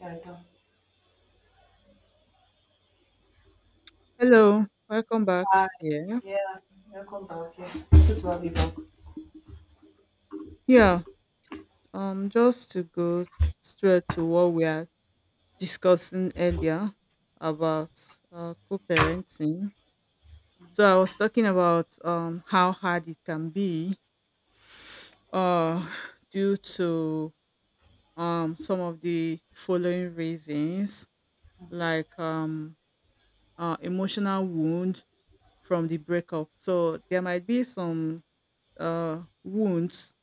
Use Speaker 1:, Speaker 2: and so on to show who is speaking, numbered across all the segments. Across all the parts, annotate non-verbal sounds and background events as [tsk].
Speaker 1: Yeah, I do.
Speaker 2: Hello, welcome back
Speaker 1: Hi.
Speaker 2: here.
Speaker 1: Yeah, welcome back. Yeah, it's good to have you back.
Speaker 2: Yeah, just to go straight to what we are discussing earlier about co-parenting. So I was talking about how hard it can be uh [laughs] [sighs] due to some of the following reasons like emotional wound from the breakup. So there might be some wounds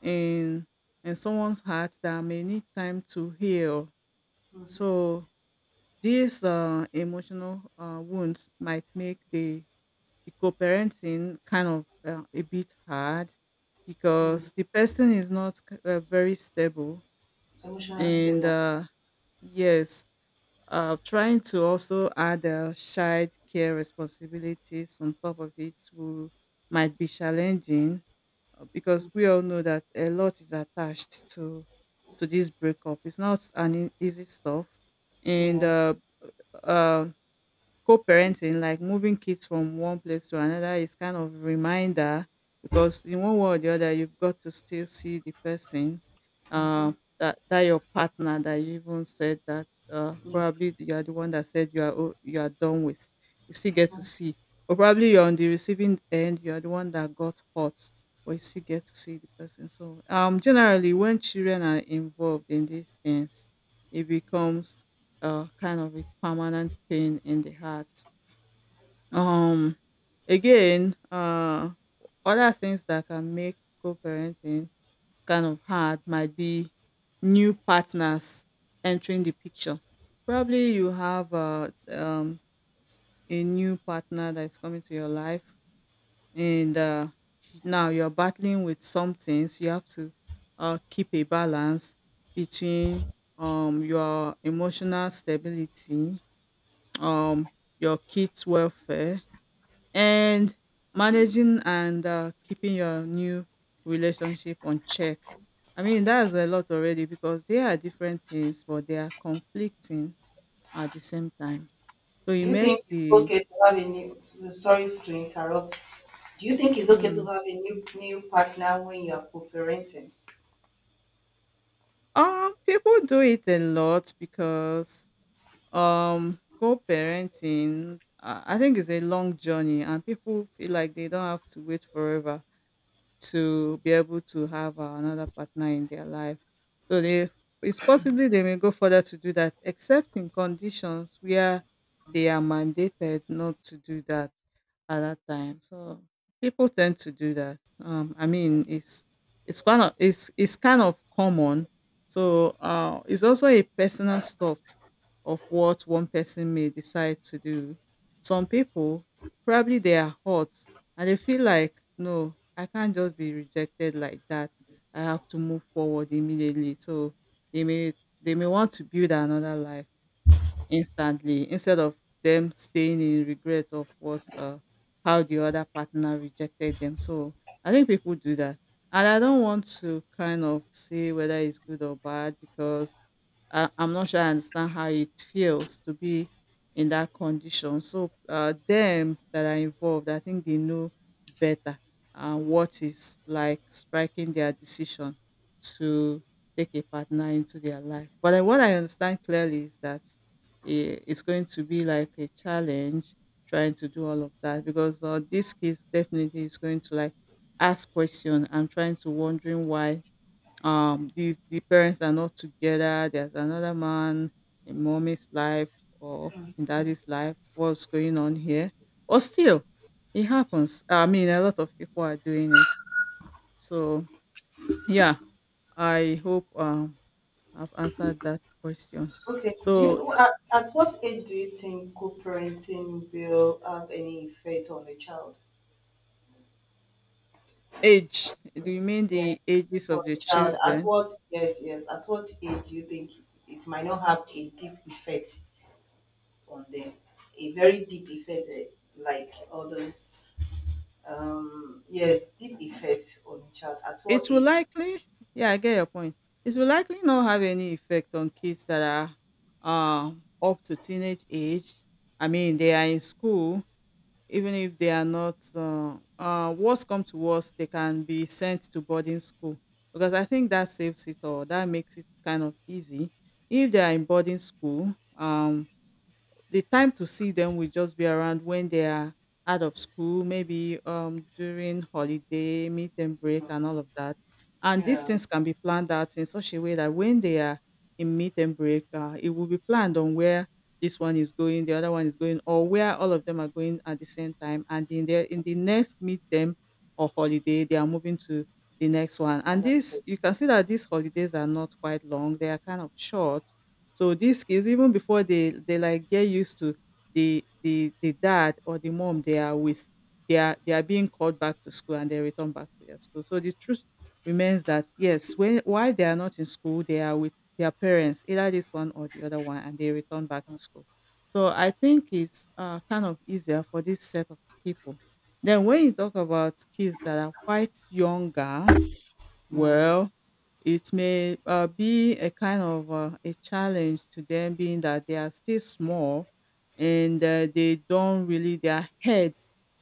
Speaker 2: in in someone's heart that may need time to heal.
Speaker 1: Mm-hmm.
Speaker 2: So these emotional wounds might make the co-parenting kind of a bit hard
Speaker 1: Mm.
Speaker 2: because the person is not very stable
Speaker 1: It's emotional
Speaker 2: and
Speaker 1: stable.
Speaker 2: yes, trying to also add child care responsibilities on top of it will, might be challenging because we all know that a lot is attached to this breakup. It's not an easy stuff, and
Speaker 1: Yeah.
Speaker 2: um co-parenting, like moving kids from one place to another, is kind of reminder because in one way or the other, you've got to still see the person uh,
Speaker 1: Mm-hmm.
Speaker 2: that your partner that you even said that probably
Speaker 1: Mm-hmm.
Speaker 2: you are the one that said you are you are done with. You still get to see, or probably you're on the receiving end. You are the one that got hurt, but you still get to see the person. So generally, when children are involved in these things, it becomes kind of a permanent pain in the heart. Um, again, uh, other things that can make co-parenting kind of hard might be new partners entering the picture. Probably you have a new partner that is coming to your life, and now you're battling with some things. You have to keep a balance between your emotional stability, um, your kids' welfare, and managing and keeping your new relationship on check. I mean, that's a lot already because they are different things, but they are conflicting at the same time. So
Speaker 1: Do
Speaker 2: it
Speaker 1: you
Speaker 2: makes
Speaker 1: think it's
Speaker 2: the
Speaker 1: okay to have a new? Sorry to interrupt. Do you think it's okay to
Speaker 2: mm,
Speaker 1: have a new partner when you are co-parenting?
Speaker 2: people do it a lot because co-parenting, I think it's a long journey and people feel like they don't have to wait forever to be able to have another partner in their life. So they it's possibly they may go further to do that, except in conditions where they are mandated not to do that at that time. So people tend to do that. I mean, it's kind of common. So it's also a personal stuff of what one person may decide to do. Some people probably they are hot and they feel like no, I can't just be rejected like that. I have to move forward immediately. So they may they may want to build another life instantly instead of them staying in regret of what how the other partner rejected them. So I think people do that, and I don't want to kind of say whether it's good or bad because I'm not sure I understand how it feels to be in that condition. So them that are involved, I think they know better what is like striking their decision to take a partner into their life. But what I understand clearly is that it's going to be like a challenge trying to do all of that because this kid definitely is going to like ask question and trying to wondering why the parents are not together, there's another man in mommy's life or in daddy's life, what's going on here. But still it happens. I mean, a lot of people are doing it, so yeah. I hope I've answered that question.
Speaker 1: Okay. Do
Speaker 2: So
Speaker 1: you at what age do you think co-parenting will have any effect on the child?
Speaker 2: age, do you mean
Speaker 1: Yeah,
Speaker 2: the ages of
Speaker 1: for
Speaker 2: the
Speaker 1: the child. At
Speaker 2: children?
Speaker 1: what? Yes, yes. At what age do you think it might not have a deep effect on them, a very deep effect, like all those yes, deep effect on a child, at what
Speaker 2: It will
Speaker 1: age?
Speaker 2: likely, yeah, I get your point. It will likely not have any effect on kids that are up to teenage age. I mean, they are in school, even if they are not worse come to worse, they can be sent to boarding school because I think that saves it all. That makes it kind of easy. If they are in boarding school, the time to see them will just be around when they are out of school, maybe during holiday, meet and break, and all of that. And these
Speaker 1: Yeah,
Speaker 2: things can be planned out in such a way that when they are in meet and break, it will be planned on where this one is going, the other one is going, or where all of them are going at the same time. And in the next meet them or holiday, they are moving to the next one. And
Speaker 1: another, that
Speaker 2: this you
Speaker 1: affects
Speaker 2: can see that these holidays are not quite long; they are kind of short. So these kids, even before they like get used to the dad or the mom they are with, they are being called back to school and they return back to their school. So the truth remains that yes, when while they are not in school, they are with their parents, either this one or the other one, and they return back to school. So I think it's kind of easier for this set of people. Then when you talk about kids that are quite younger, well, it may be a kind of a challenge to them, being that they are still small and they don't really, their head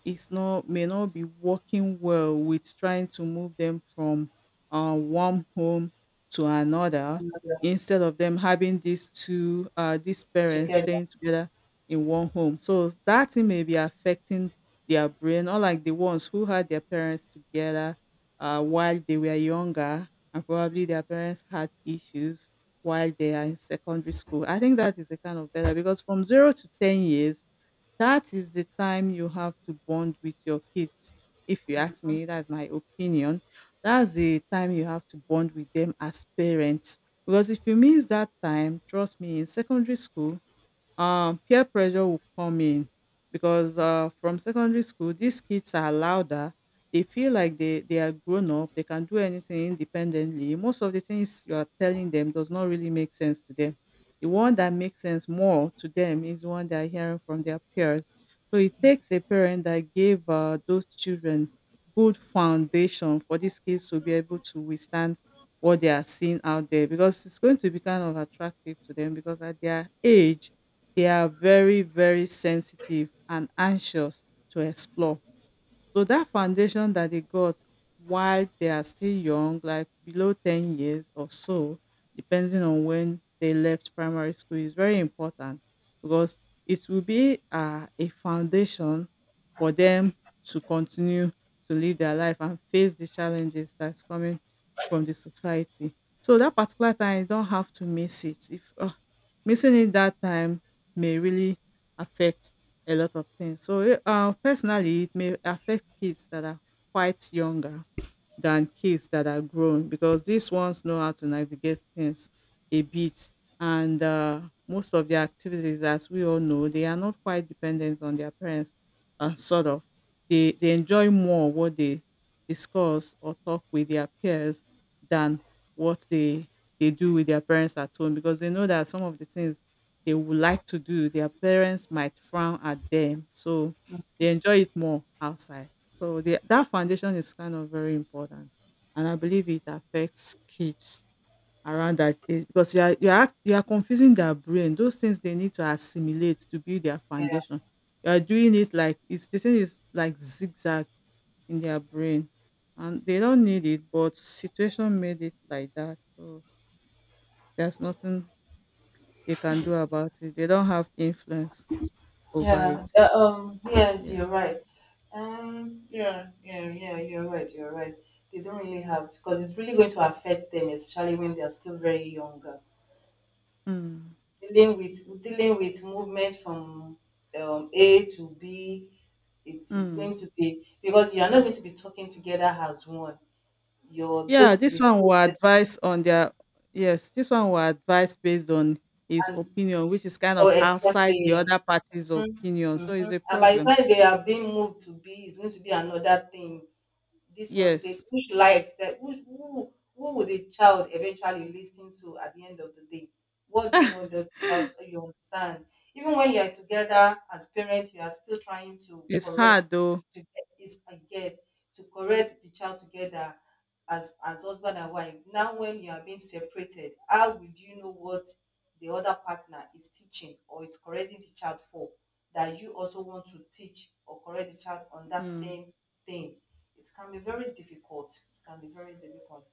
Speaker 2: is not, may not be working well with trying to move them from one home to another
Speaker 1: another,
Speaker 2: instead of them having these two, these parents
Speaker 1: together.
Speaker 2: staying together in one home. So that thing may be affecting their brain, unlike the ones who had their parents together while they were younger and probably their parents had issues while they are in secondary school. I think that is a kind of better because from zero to 10 years, that is the time you have to bond with your kids. If you ask me, that's my opinion. That's the time you have to bond with them as parents. Because if you miss that time, trust me, in secondary school, peer pressure will come in because from secondary school these kids are louder. They feel like they are grown up, they can do anything independently. Most of the things you are telling them does not really make sense to them. The one that makes sense more to them is the one they are hearing from their peers. So it takes a parent that gave those children good foundation for these kids to be able to withstand what they are seeing out there because it's going to be kind of attractive to them because at their age they are very, very sensitive and anxious to explore. So that foundation that they got while they are still young, like below 10 years or so, depending on when they left primary school, is very important because it will be a foundation for them to continue to live their life and face the challenges that's coming from the society. So that particular time, you don't have to miss it. If missing it that time may really affect a lot of things. So, personally, it may affect kids that are quite younger than kids that are grown because these ones know how to navigate things a bit, and most of their activities, as we all know, they are not quite dependent on their parents. Sort of they enjoy more what they discuss or talk with their peers than what they do with their parents at home because they know that some of the things they would like to do their parents might frown at them, so they enjoy it more outside. So that foundation is kind of very important, and I believe it affects kids around that age because you are confusing their brain. Those things they need to assimilate to build their
Speaker 1: Yeah,
Speaker 2: foundation, you are doing it like it's, the thing is like zigzag in their brain, and they don't need it, but situation made it like that. So there's nothing they can do about it. They don't have influence over
Speaker 1: yeah.
Speaker 2: it.
Speaker 1: Yes,
Speaker 2: Yeah.
Speaker 1: you're right. Yeah, yeah, you're right. They don't really have, because it's really going to affect them, especially when they are still very young.
Speaker 2: Mm.
Speaker 1: Dealing with movement from A to B, it's
Speaker 2: Mm.
Speaker 1: going to be, because you are not going to be talking together as one. You're
Speaker 2: Yeah,
Speaker 1: this
Speaker 2: this
Speaker 1: we,
Speaker 2: one will
Speaker 1: this
Speaker 2: advise on their, yes, this one will advise based on his
Speaker 1: and
Speaker 2: opinion, which is kind
Speaker 1: oh,
Speaker 2: of outside the
Speaker 1: exactly.
Speaker 2: other party's
Speaker 1: Mhm,
Speaker 2: opinion. So it's
Speaker 1: mhm.
Speaker 2: a
Speaker 1: And by the
Speaker 2: problem.
Speaker 1: time they are being moved to B, it's going to be another thing. This one said,
Speaker 2: Yes.
Speaker 1: who should I accept? Who would the child eventually listen to at the end of the day? What do you want the child to, you understand? Even when you are together as parents, you are still trying to
Speaker 2: It's
Speaker 1: correct
Speaker 2: hard though.
Speaker 1: to get is I get to correct the child together as husband and wife. Now when you are being separated, how would you know what the other partner is teaching or is correcting the child for, that you also want to teach or correct the child on that
Speaker 2: Mm,
Speaker 1: same thing? It can be very difficult it can be very difficult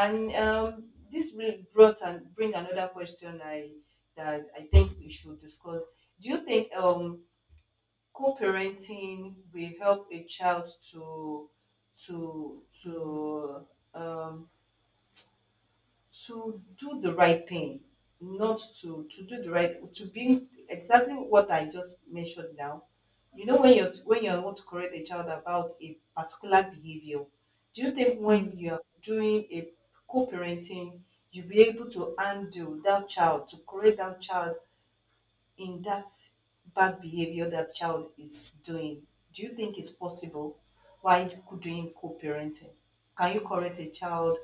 Speaker 1: And this really brought and bring another question, I that I think we should discuss. Do you think co-parenting will help a child to to
Speaker 2: mm,
Speaker 1: to um do the right thing? Not to to do the right to Be exactly what I just mentioned now. You know, when you're when you
Speaker 2: mm,
Speaker 1: want to correct a child about a particular behavior, do you think
Speaker 2: mm.
Speaker 1: when you're doing a co-parenting, you'll be able to undo that child, to correct that child in that bad behavior that child is doing? Do you think it's possible while doing co-parenting? Can you correct a child?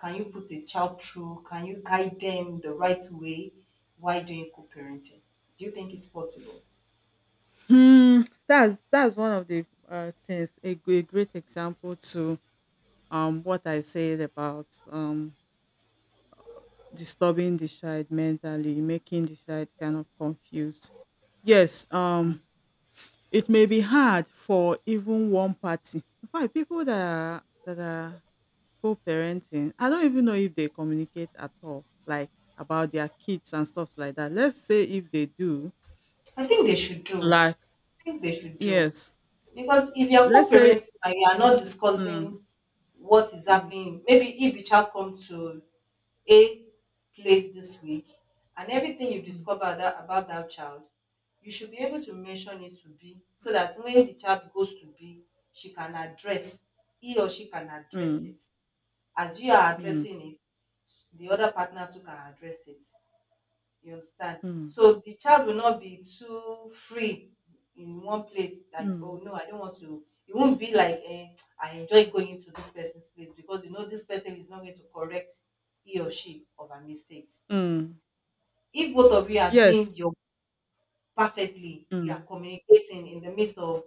Speaker 1: Can you put a child through? Can you guide them the right way while doing co-parenting? Do you think it's possible?
Speaker 2: Hmm, that's one of the things, a, a great example to what I said about disturbing the child mentally, making the child kind of confused. Yes, it may be hard for even one party. In fact, people that are co-parenting, I don't even know if they communicate at all, like about their kids and stuff like that. Let's say if they do,
Speaker 1: I think they should do.
Speaker 2: like,
Speaker 1: I think they should do.
Speaker 2: yes.
Speaker 1: Because if you're
Speaker 2: Let's say
Speaker 1: co-parenting and you are not
Speaker 2: mm,
Speaker 1: discussing what is
Speaker 2: mm,
Speaker 1: happening, maybe if the child comes to a place this week, and everything you
Speaker 2: mm,
Speaker 1: discover that, about that child, you should be able to mention it to B, so that when the child goes to B, she can address, he or she can address
Speaker 2: mm,
Speaker 1: it. As you are
Speaker 2: mm,
Speaker 1: addressing it, the other partner too can address it. You understand?
Speaker 2: mm,
Speaker 1: So the child will not be too free in one place like, "Oh
Speaker 2: mm,
Speaker 1: no, I don't want to." It won't be like, I enjoy going to this person's place because you know this person is not going to correct he or she of her mistakes.
Speaker 2: mm.
Speaker 1: If both of you are
Speaker 2: Yes.
Speaker 1: doing your perfectly, you are
Speaker 2: Mm,
Speaker 1: communicating in the midst of,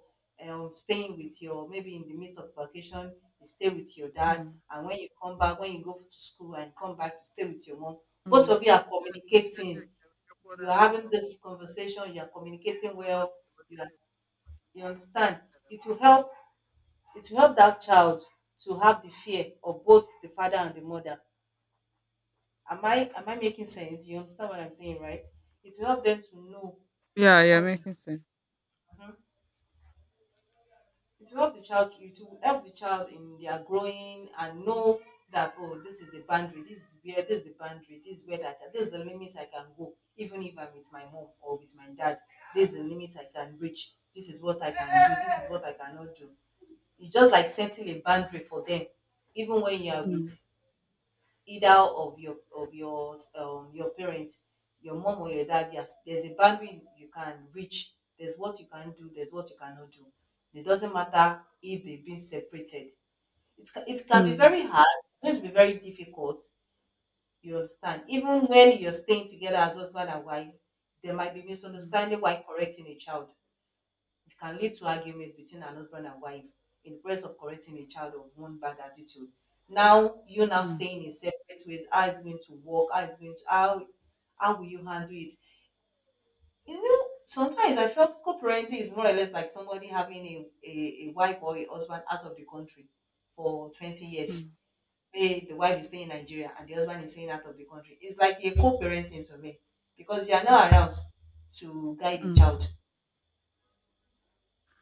Speaker 1: staying with your, maybe in the midst of vacation, you stay with your dad,
Speaker 2: mm,
Speaker 1: and when you come back, when you go to school and come back, you stay with your mom. Both
Speaker 2: mm.
Speaker 1: of you are communicating, you're having this conversation, you're communicating well, you are, you understand. It will help it will help that child to have the fear of both the father and the mother. Am I making sense? You understand what I'm saying, right? It will help them to know
Speaker 2: Yeah, yeah,
Speaker 1: what to do.
Speaker 2: making sense.
Speaker 1: It will help the child in their growing, and know that, oh, this is a boundary, this is the boundary, this is the limit I can go, even if I'm with my mom or with my dad. This is the limit I can reach, this is what I can do, this is what I cannot do. You just like setting a boundary for them, even when you are
Speaker 2: Mm,
Speaker 1: with either of your parents, your mom or your dad. Yes, there's a boundary you can reach, there's what you can do, there's what you cannot do. It doesn't matter if they've been separated. It can be
Speaker 2: mm,
Speaker 1: very hard, it's going to be very difficult. You understand, even when you're staying together as husband and wife, there might be
Speaker 2: mm,
Speaker 1: misunderstanding while correcting a child. It can lead to argument between an husband and wife in the quest of correcting a child of one bad attitude. Now you, now
Speaker 2: mm,
Speaker 1: staying in separate ways, how is it going to work? How is it going to How will you handle it? You know, sometimes I felt co-parenting is more or less like somebody having a, wife or a husband out of the country for 20 years.
Speaker 2: mm,
Speaker 1: Hey, the wife is staying in Nigeria and the husband is staying out of the country. It's like a co-parenting to me, because you are now around to guide the
Speaker 2: mm.
Speaker 1: child.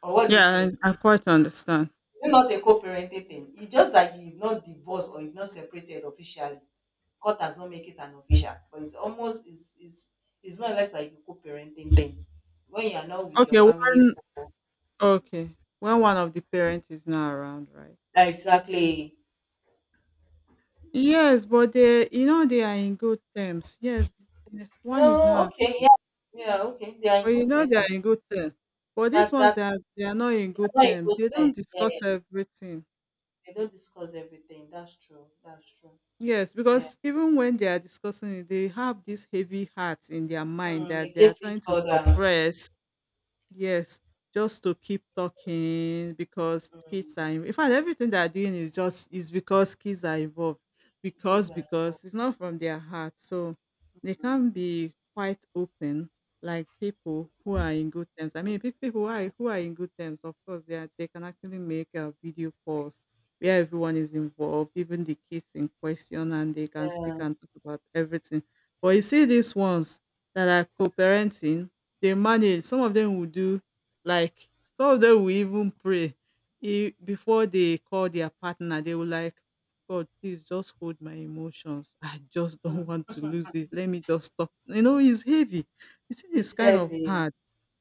Speaker 1: Or what do you
Speaker 2: Yeah,
Speaker 1: think?
Speaker 2: I
Speaker 1: Is
Speaker 2: quite understand.
Speaker 1: It's not a co-parenting thing? It's just that you've not divorced or you've not separated officially. Court has not make it an official, but it's almost it's more or less like a co-parenting thing. When you are not with your
Speaker 2: Okay,
Speaker 1: family,
Speaker 2: one Okay. When one of the parents is not around, right?
Speaker 1: exactly.
Speaker 2: Yes, but they, you know, they are in good terms. Yes,
Speaker 1: You
Speaker 2: one is
Speaker 1: know,
Speaker 2: not,
Speaker 1: okay, yeah, yeah, okay. They are
Speaker 2: but
Speaker 1: in
Speaker 2: you
Speaker 1: good
Speaker 2: know,
Speaker 1: terms.
Speaker 2: they are
Speaker 1: And
Speaker 2: in good terms. But these
Speaker 1: that,
Speaker 2: ones,
Speaker 1: that
Speaker 2: they, are, they are not in
Speaker 1: they
Speaker 2: good
Speaker 1: are not in
Speaker 2: terms.
Speaker 1: good
Speaker 2: They
Speaker 1: terms.
Speaker 2: don't
Speaker 1: Yeah,
Speaker 2: discuss everything.
Speaker 1: they don't discuss everything. That's true. That's true.
Speaker 2: Yes,
Speaker 1: Yeah,
Speaker 2: because even when they are discussing it, they have this heavy heart in their mind
Speaker 1: mm,
Speaker 2: that they are
Speaker 1: against each
Speaker 2: trying to
Speaker 1: other.
Speaker 2: suppress. Yes, just to keep talking because kids are
Speaker 1: Mm,
Speaker 2: in fact everything they are doing is because kids are involved. Because
Speaker 1: kids are involved.
Speaker 2: because it's not from their heart. So they can be quite open like people who are in good terms. I mean people who are in good terms, of course they are, they can actually make video calls where everyone is involved, even the kids in question, and they can speak
Speaker 1: Yeah,
Speaker 2: and talk about everything. But you see these ones that are co-parenting, they manage. Some of them will do, like some of them will even pray e before they call their partner. They will like, “God, please just hold my emotions. I just [laughs] don't want
Speaker 1: mm.
Speaker 2: to lose it. Let me just stop.” You know, it's heavy. You see, it's
Speaker 1: It's
Speaker 2: kind of
Speaker 1: heavy.
Speaker 2: hard.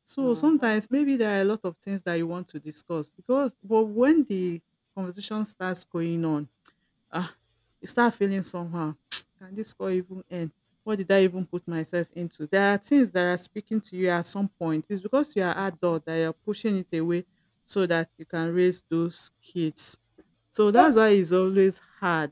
Speaker 2: So
Speaker 1: Mm-hmm.
Speaker 2: sometimes maybe there are a lot of things that you want to discuss, because but when the conversation starts going on, Ah, you start feeling somehow. [tsk] Can this call even end? What did I even put myself into? There are things that are speaking to you at some point. It's because you are adult that you're pushing it away so that you can raise those kids. So
Speaker 1: Huh.
Speaker 2: that's why it's always hard,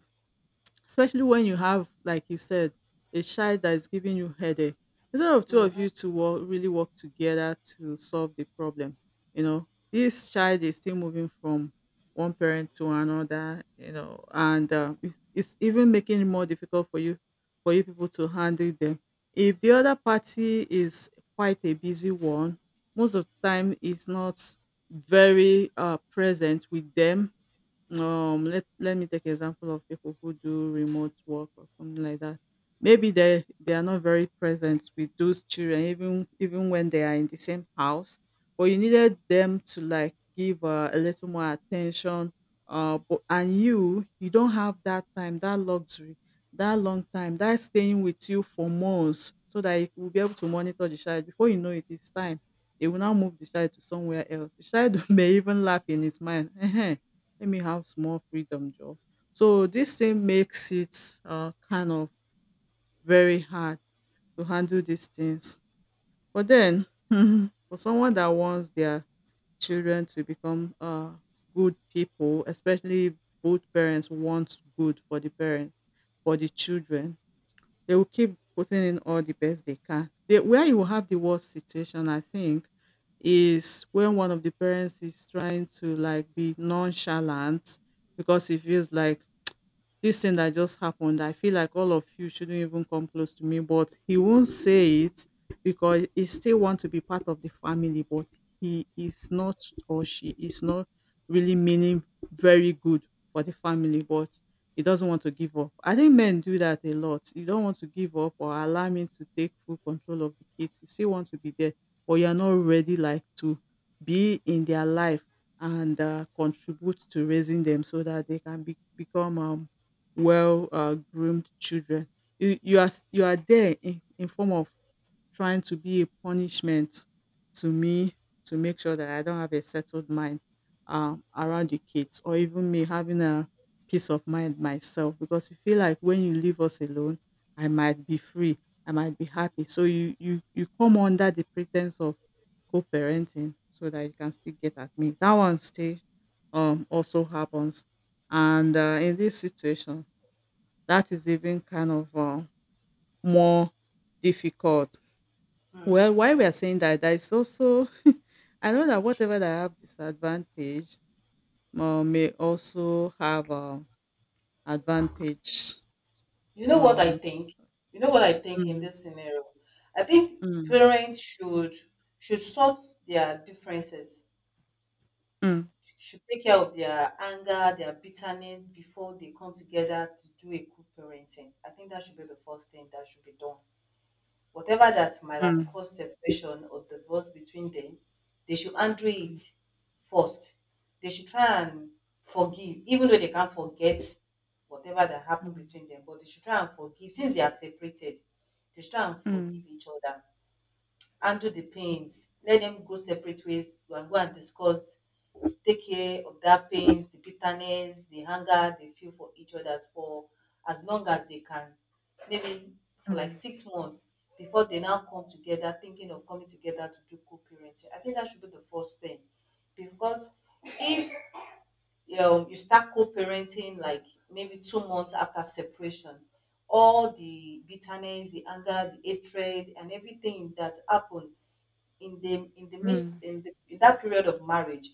Speaker 2: especially when you have, like you said, a child that is giving you headache. Instead of two of
Speaker 1: Hmm.
Speaker 2: you to really work together to solve the problem, you know, this child is still moving from one parent to another, you know, and it's even making it more difficult for you, for you people to handle them. If the other party is quite a busy one, most of the time is not very present with them. Let me take example of people who do remote work or something like that. Maybe they are not very present with those children, even when they are in the same house. But you needed them to like give a little more attention. But and you don't have that time, that luxury, that long time, that staying with you for months, so that you will be able to monitor the child. Before you know it, it's time. They will now move the child to somewhere else. The child [laughs] may even laugh in his mind. [laughs] Let me have small freedom job. So this thing makes it kind of very hard to handle these things. But then, [laughs] for someone that wants their children to become good people, especially if both parents want good for the parents, for the children, they will keep putting in all the best they can. They, where you will have the worst situation, I think, is when one of the parents is trying to like be nonchalant because he feels like this thing that just happened, I feel like all of you shouldn't even come close to me, but he won't say it because he still wants to be part of the family, but he is not, or she is not really meaning very good for the family, but he doesn't want to give up. I think men do that a lot. You don't want to give up or allow me to take full control of the kids. You still want to be there, but you're not ready like to be in their life and contribute to raising them so that they can be, become well groomed children. You are you are there in form of trying to be a punishment to me, to make sure that I don't have a settled mind around the kids, or even me having a peace of mind myself, because you feel like when you leave us alone, I might be free, I might be happy. So you come under the pretense of co-parenting so that you can still get at me. That one still also happens. And in this situation, that is even kind of, more difficult. Well,
Speaker 1: Mhm.
Speaker 2: why we are saying that, that is also [laughs] I know that whatever that have disadvantage, may also have, advantage.
Speaker 1: You know what I
Speaker 2: Um,
Speaker 1: think? You know what I think in
Speaker 2: mm,
Speaker 1: this scenario? I think
Speaker 2: mm,
Speaker 1: parents should sort their differences,
Speaker 2: mm,
Speaker 1: should take care of their anger, their bitterness before they come together to do a good parenting. I think that should be the first thing that should be done. Whatever that might have
Speaker 2: mm,
Speaker 1: caused separation or divorce between them, they should undo it first. They should try and forgive, even though they can't forget whatever that happened
Speaker 2: mm,
Speaker 1: between them, but they should try and forgive. Since they are separated, they should try and forgive
Speaker 2: mm,
Speaker 1: each other, undo the pains, let them go separate ways and go and discuss, take care of that pains, the bitterness, the anger they feel for each other for as long as they can. Maybe for like
Speaker 2: mm,
Speaker 1: 6 months before they now come together thinking of coming together to do co-parenting. I think that should be the first thing. Because if you, know, you start co-parenting like maybe 2 months after separation, all the bitterness, the anger, the hatred, and everything that happened in the midst
Speaker 2: mm,
Speaker 1: in the in that period of marriage,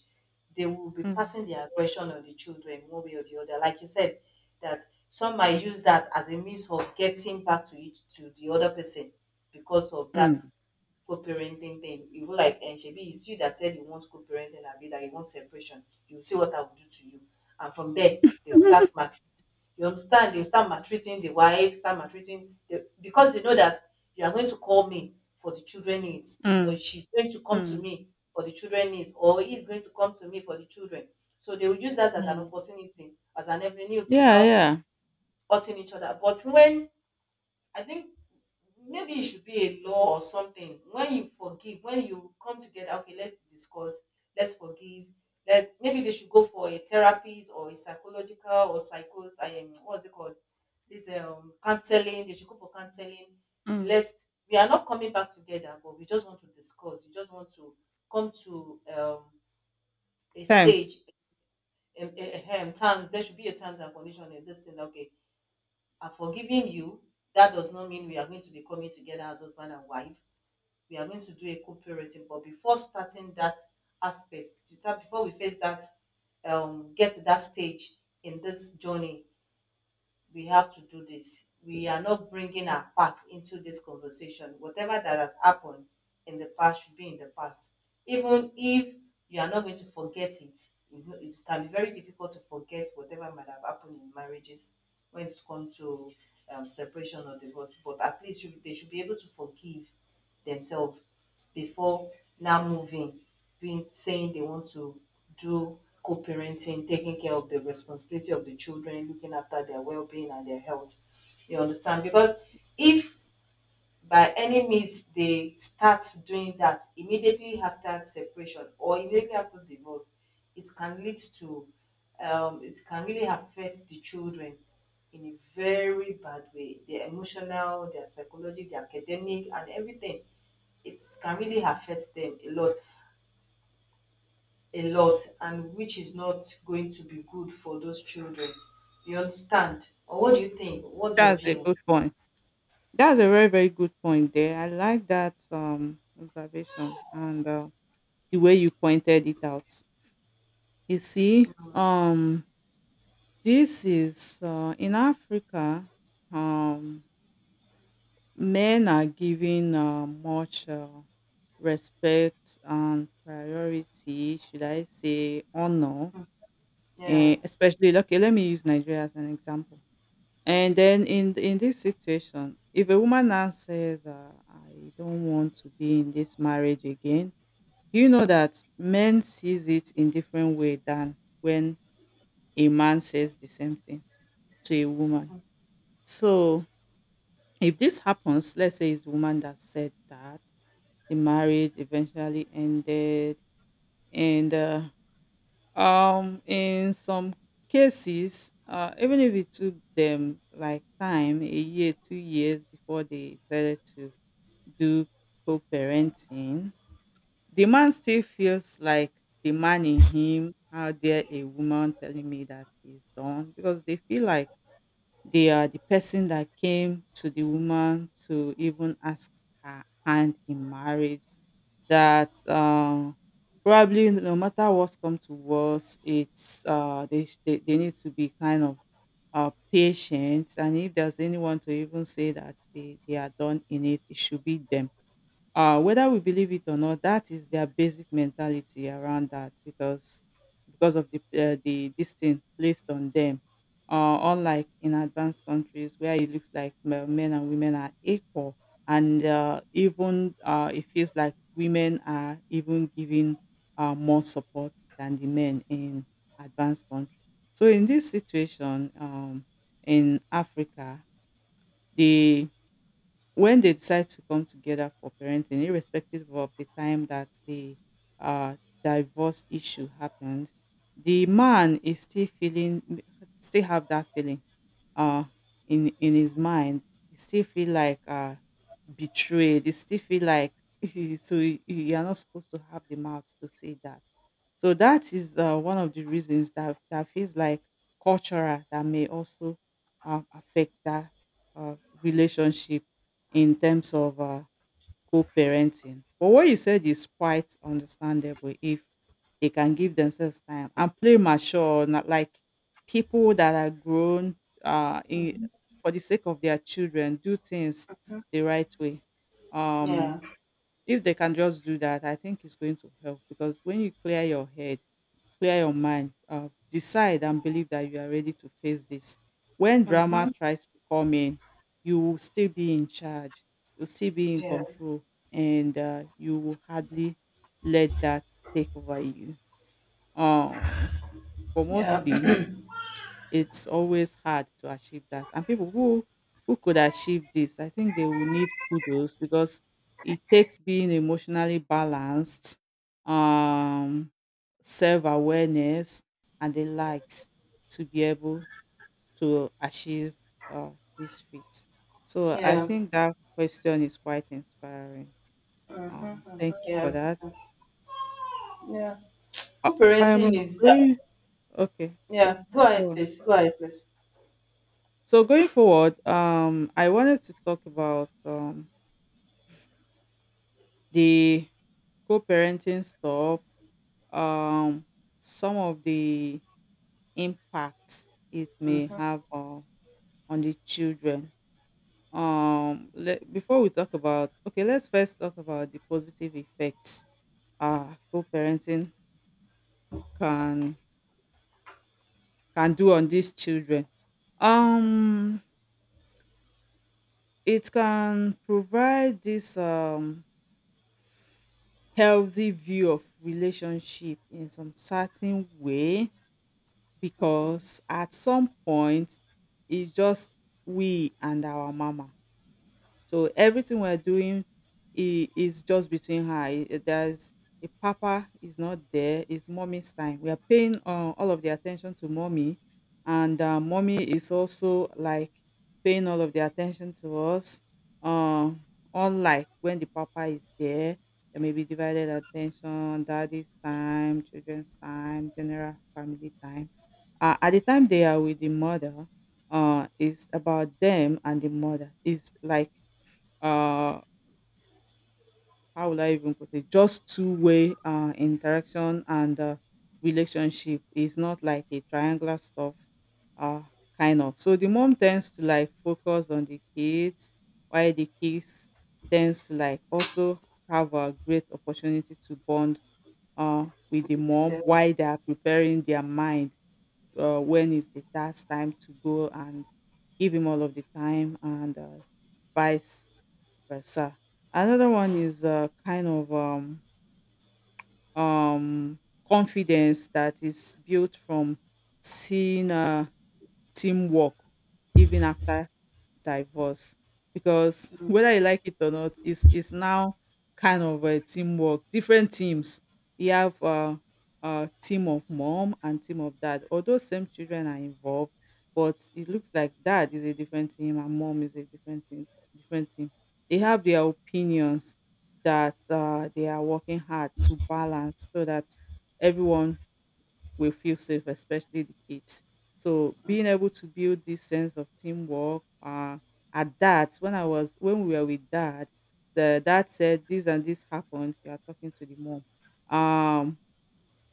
Speaker 1: they will be
Speaker 2: mm, mm,
Speaker 1: passing the aggression on the children one way or the other. Like you said, that some might use that as a means of getting back to each to the other person because of that
Speaker 2: mm,
Speaker 1: co-parenting thing, even like shebi it's you that said you want co-parenting, abi that you want separation. You see what I will do to you, and from there they'll start
Speaker 2: [laughs]
Speaker 1: maltreating. You understand? They'll start maltreating the wife, start maltreating the, because they know that you are going to call me for the children needs, or
Speaker 2: mm,
Speaker 1: she's going to come to
Speaker 2: mm,
Speaker 1: me for the children needs, or he is going to come to me for the children. So they will use that as an
Speaker 2: mm.
Speaker 1: opportunity, as an avenue to
Speaker 2: Yeah,
Speaker 1: now
Speaker 2: yeah.
Speaker 1: hurting each other. But when, I think, maybe it should be a law or something. When you forgive, when you come together, okay, let's discuss, let's forgive. Let maybe they should go for a therapist or a psychological or psychos. I am, what's it called? This, counseling. They should go for counseling.
Speaker 2: Mm.
Speaker 1: Let's. We are not coming back together, but we just want to discuss. We just want to come to a
Speaker 2: Times.
Speaker 1: stage. Um, in, terms. There should be a terms and condition in this thing. Okay, I've forgiven you. That does not mean we are going to be coming together as husband and wife. We are going to do a co-parenting. But before starting that aspect, before we face that, get to that stage in this journey, we have to do this. We are not bringing our past into this conversation. Whatever that has happened in the past should be in the past. Even if you are not going to forget it, it's not, it can be very difficult to forget whatever might have happened in marriages when it comes to separation or divorce. But at least they should be able to forgive themselves before now moving, being saying they want to do co-parenting, taking care of the responsibility of the children, looking after their well-being and their health. You understand? Because if by any means they start doing that immediately after separation or immediately after divorce, it can lead to, it can really affect the children in a very bad way, their emotional, their psychology, their academic, and everything. It can really affect them a lot, and which is not going to be good for those children. You understand? Or what do you think? What's your
Speaker 2: That's a
Speaker 1: view?
Speaker 2: good point. That's a very, very good point there. I like that observation and the way you pointed it out. You see, um this is in Africa, um men are given much respect and priority, should I say honor,
Speaker 1: Yeah.
Speaker 2: especially okay, let me use Nigeria as an example. And then in this situation, if a woman now says, "I don't want to be in this marriage again," you know that men sees it in different way than when a man says the same thing to a woman. So if this happens, let's say it's a woman that said that the marriage eventually ended, and in some cases, even if it took them like time a year, 2 years before they decided to do co-parenting, the man still feels like, the man in him, how dare a woman telling me that he's done, because they feel like they are the person that came to the woman to even ask her hand in marriage, that probably no matter what's come to worst, it's they need to be kind of patient, and if there's anyone to even say that they are done in it, it should be them, whether we believe it or not, that is their basic mentality around that because of the this thing placed on them. Unlike in advanced countries where it looks like men and women are equal, and even it feels like women are even given more support than the men in advanced countries. So in this situation, in Africa, the when they decide to come together for parenting, irrespective of the time that the uh, divorce issue happened, the man is still feeling, still have that feeling uh, in his mind, he still feel like betrayed. He still feel like [laughs] so you are not supposed to have the mouth to say that. So that is one of the reasons that that feels like cultural that may also affect that uh, relationship in terms of co-parenting. But what you said is quite understandable if they can give themselves time and play mature, not like people that are grown uh, in, for the sake of their children, do things the right way.
Speaker 1: Yeah.
Speaker 2: Um, if they can just do that, I think it's going to help because when you clear your head, clear your mind. Decide and believe that you are ready to face this. When drama tries to come in, you will still be in charge. You'll still be in
Speaker 1: Yeah.
Speaker 2: control, and you will hardly let that take over you. Um, but
Speaker 1: Yeah.
Speaker 2: mostly, it's always hard to achieve that. And people who could achieve this, I think they will need kudos because it takes being emotionally balanced, um, self awareness, and the likes to be able to achieve uh, this feat.
Speaker 1: [clears throat]
Speaker 2: So I
Speaker 1: Yeah.
Speaker 2: think that question is quite inspiring. Thank you for
Speaker 1: Yeah,
Speaker 2: that.
Speaker 1: yeah.
Speaker 2: Uh,
Speaker 1: Co-parenting
Speaker 2: I'm
Speaker 1: is
Speaker 2: going. Okay, go,
Speaker 1: yeah. Go ahead,
Speaker 2: go on.
Speaker 1: please. Go ahead, please.
Speaker 2: So going forward, I wanted to talk about the co-parenting stuff, um, some of the impacts it may have on the children. Before we talk about, okay, let's first talk about the positive effects co-parenting can can do on these children. Um, it can provide this. Healthy view of relationship in some certain way, because at some point it's just we and our mama, so everything we're doing is just between her. There's a papa is not there. It's mommy's time. We are paying all of the attention to mommy, and mommy is also like paying all of the attention to us. Um, Unlike when the papa is there, there may be divided attention, daddy's time, children's time, general family time. At the time they are with the mother, it's about them and the mother. It's like uh how will I even put it, just two way interaction and relationship, is not like a triangular stuff uh kind of, so the mom tends to like focus on the kids, while the kids tends to like also have a great opportunity to bond uh with the mom
Speaker 1: The
Speaker 2: while they are preparing their mind when is the task time to go and give him all of the time and vice versa. Another one is a kind of um, confidence that is built from seeing teamwork even after divorce, because [laughs] whether you like it or not, it's now kind of a teamwork, different teams. You have a team of mom and team of dad, although same children are involved, but it looks like dad is a different team and mom is a different team, different team. They have their opinions that they are working hard to balance so that everyone will feel safe, especially the kids. So being able to build this sense of teamwork, at that when I was when we were with dad, the dad said this and this happened. You are talking to the mom. Um,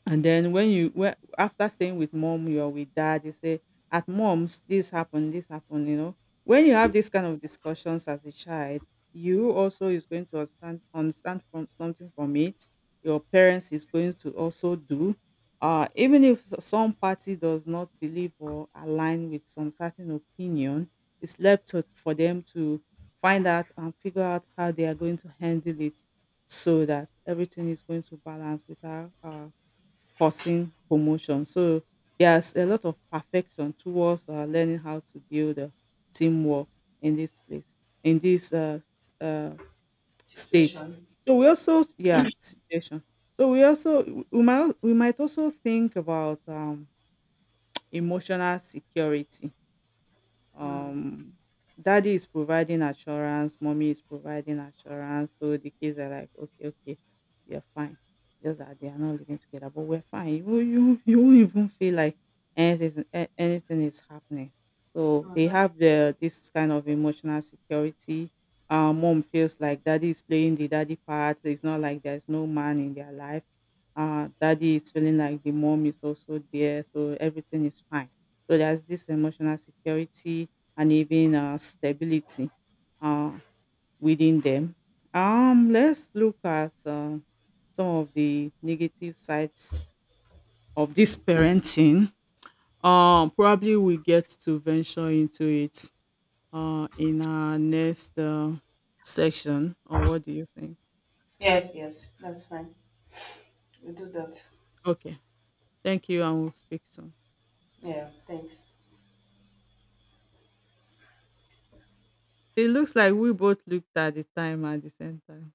Speaker 2: and then when after staying with mom, you're with dad, you say, at mom's, this happened, you know. When you have this kind of discussions as a child, you also is going to understand from something from it. Your parents is going to also do. Even if some party does not believe or align with some certain opinion, it's left for them to find out and figure out how they are going to handle it so that everything is going to balance without causing promotion. So there's a lot of perfection towards learning how to build a teamwork in this place, in this state.
Speaker 1: situation.
Speaker 2: So we also, yeah, situation. So we also we might also think about emotional security.
Speaker 1: Mm.
Speaker 2: um Daddy is providing assurance, mommy is providing assurance, so the kids are like okay, okay, you're fine, just that they are not living together, but we're fine. You [laughs] you won't even feel like anything is happening. So they have the this kind of emotional security. Mom feels like daddy is playing the daddy part, it's not like there's no man in their life. Daddy is feeling like the mom is also there, so everything is fine. So there's this emotional security and even stability uh, within them. Let's look at some of the negative sides of this parenting. Probably we get to venture into it in our next section. Or what do you think?
Speaker 1: Yes, yes. That's fine. We do that.
Speaker 2: Okay, thank you, and we'll speak soon.
Speaker 1: Yeah. Thanks.
Speaker 2: It looks like we both looked at the time at the same time.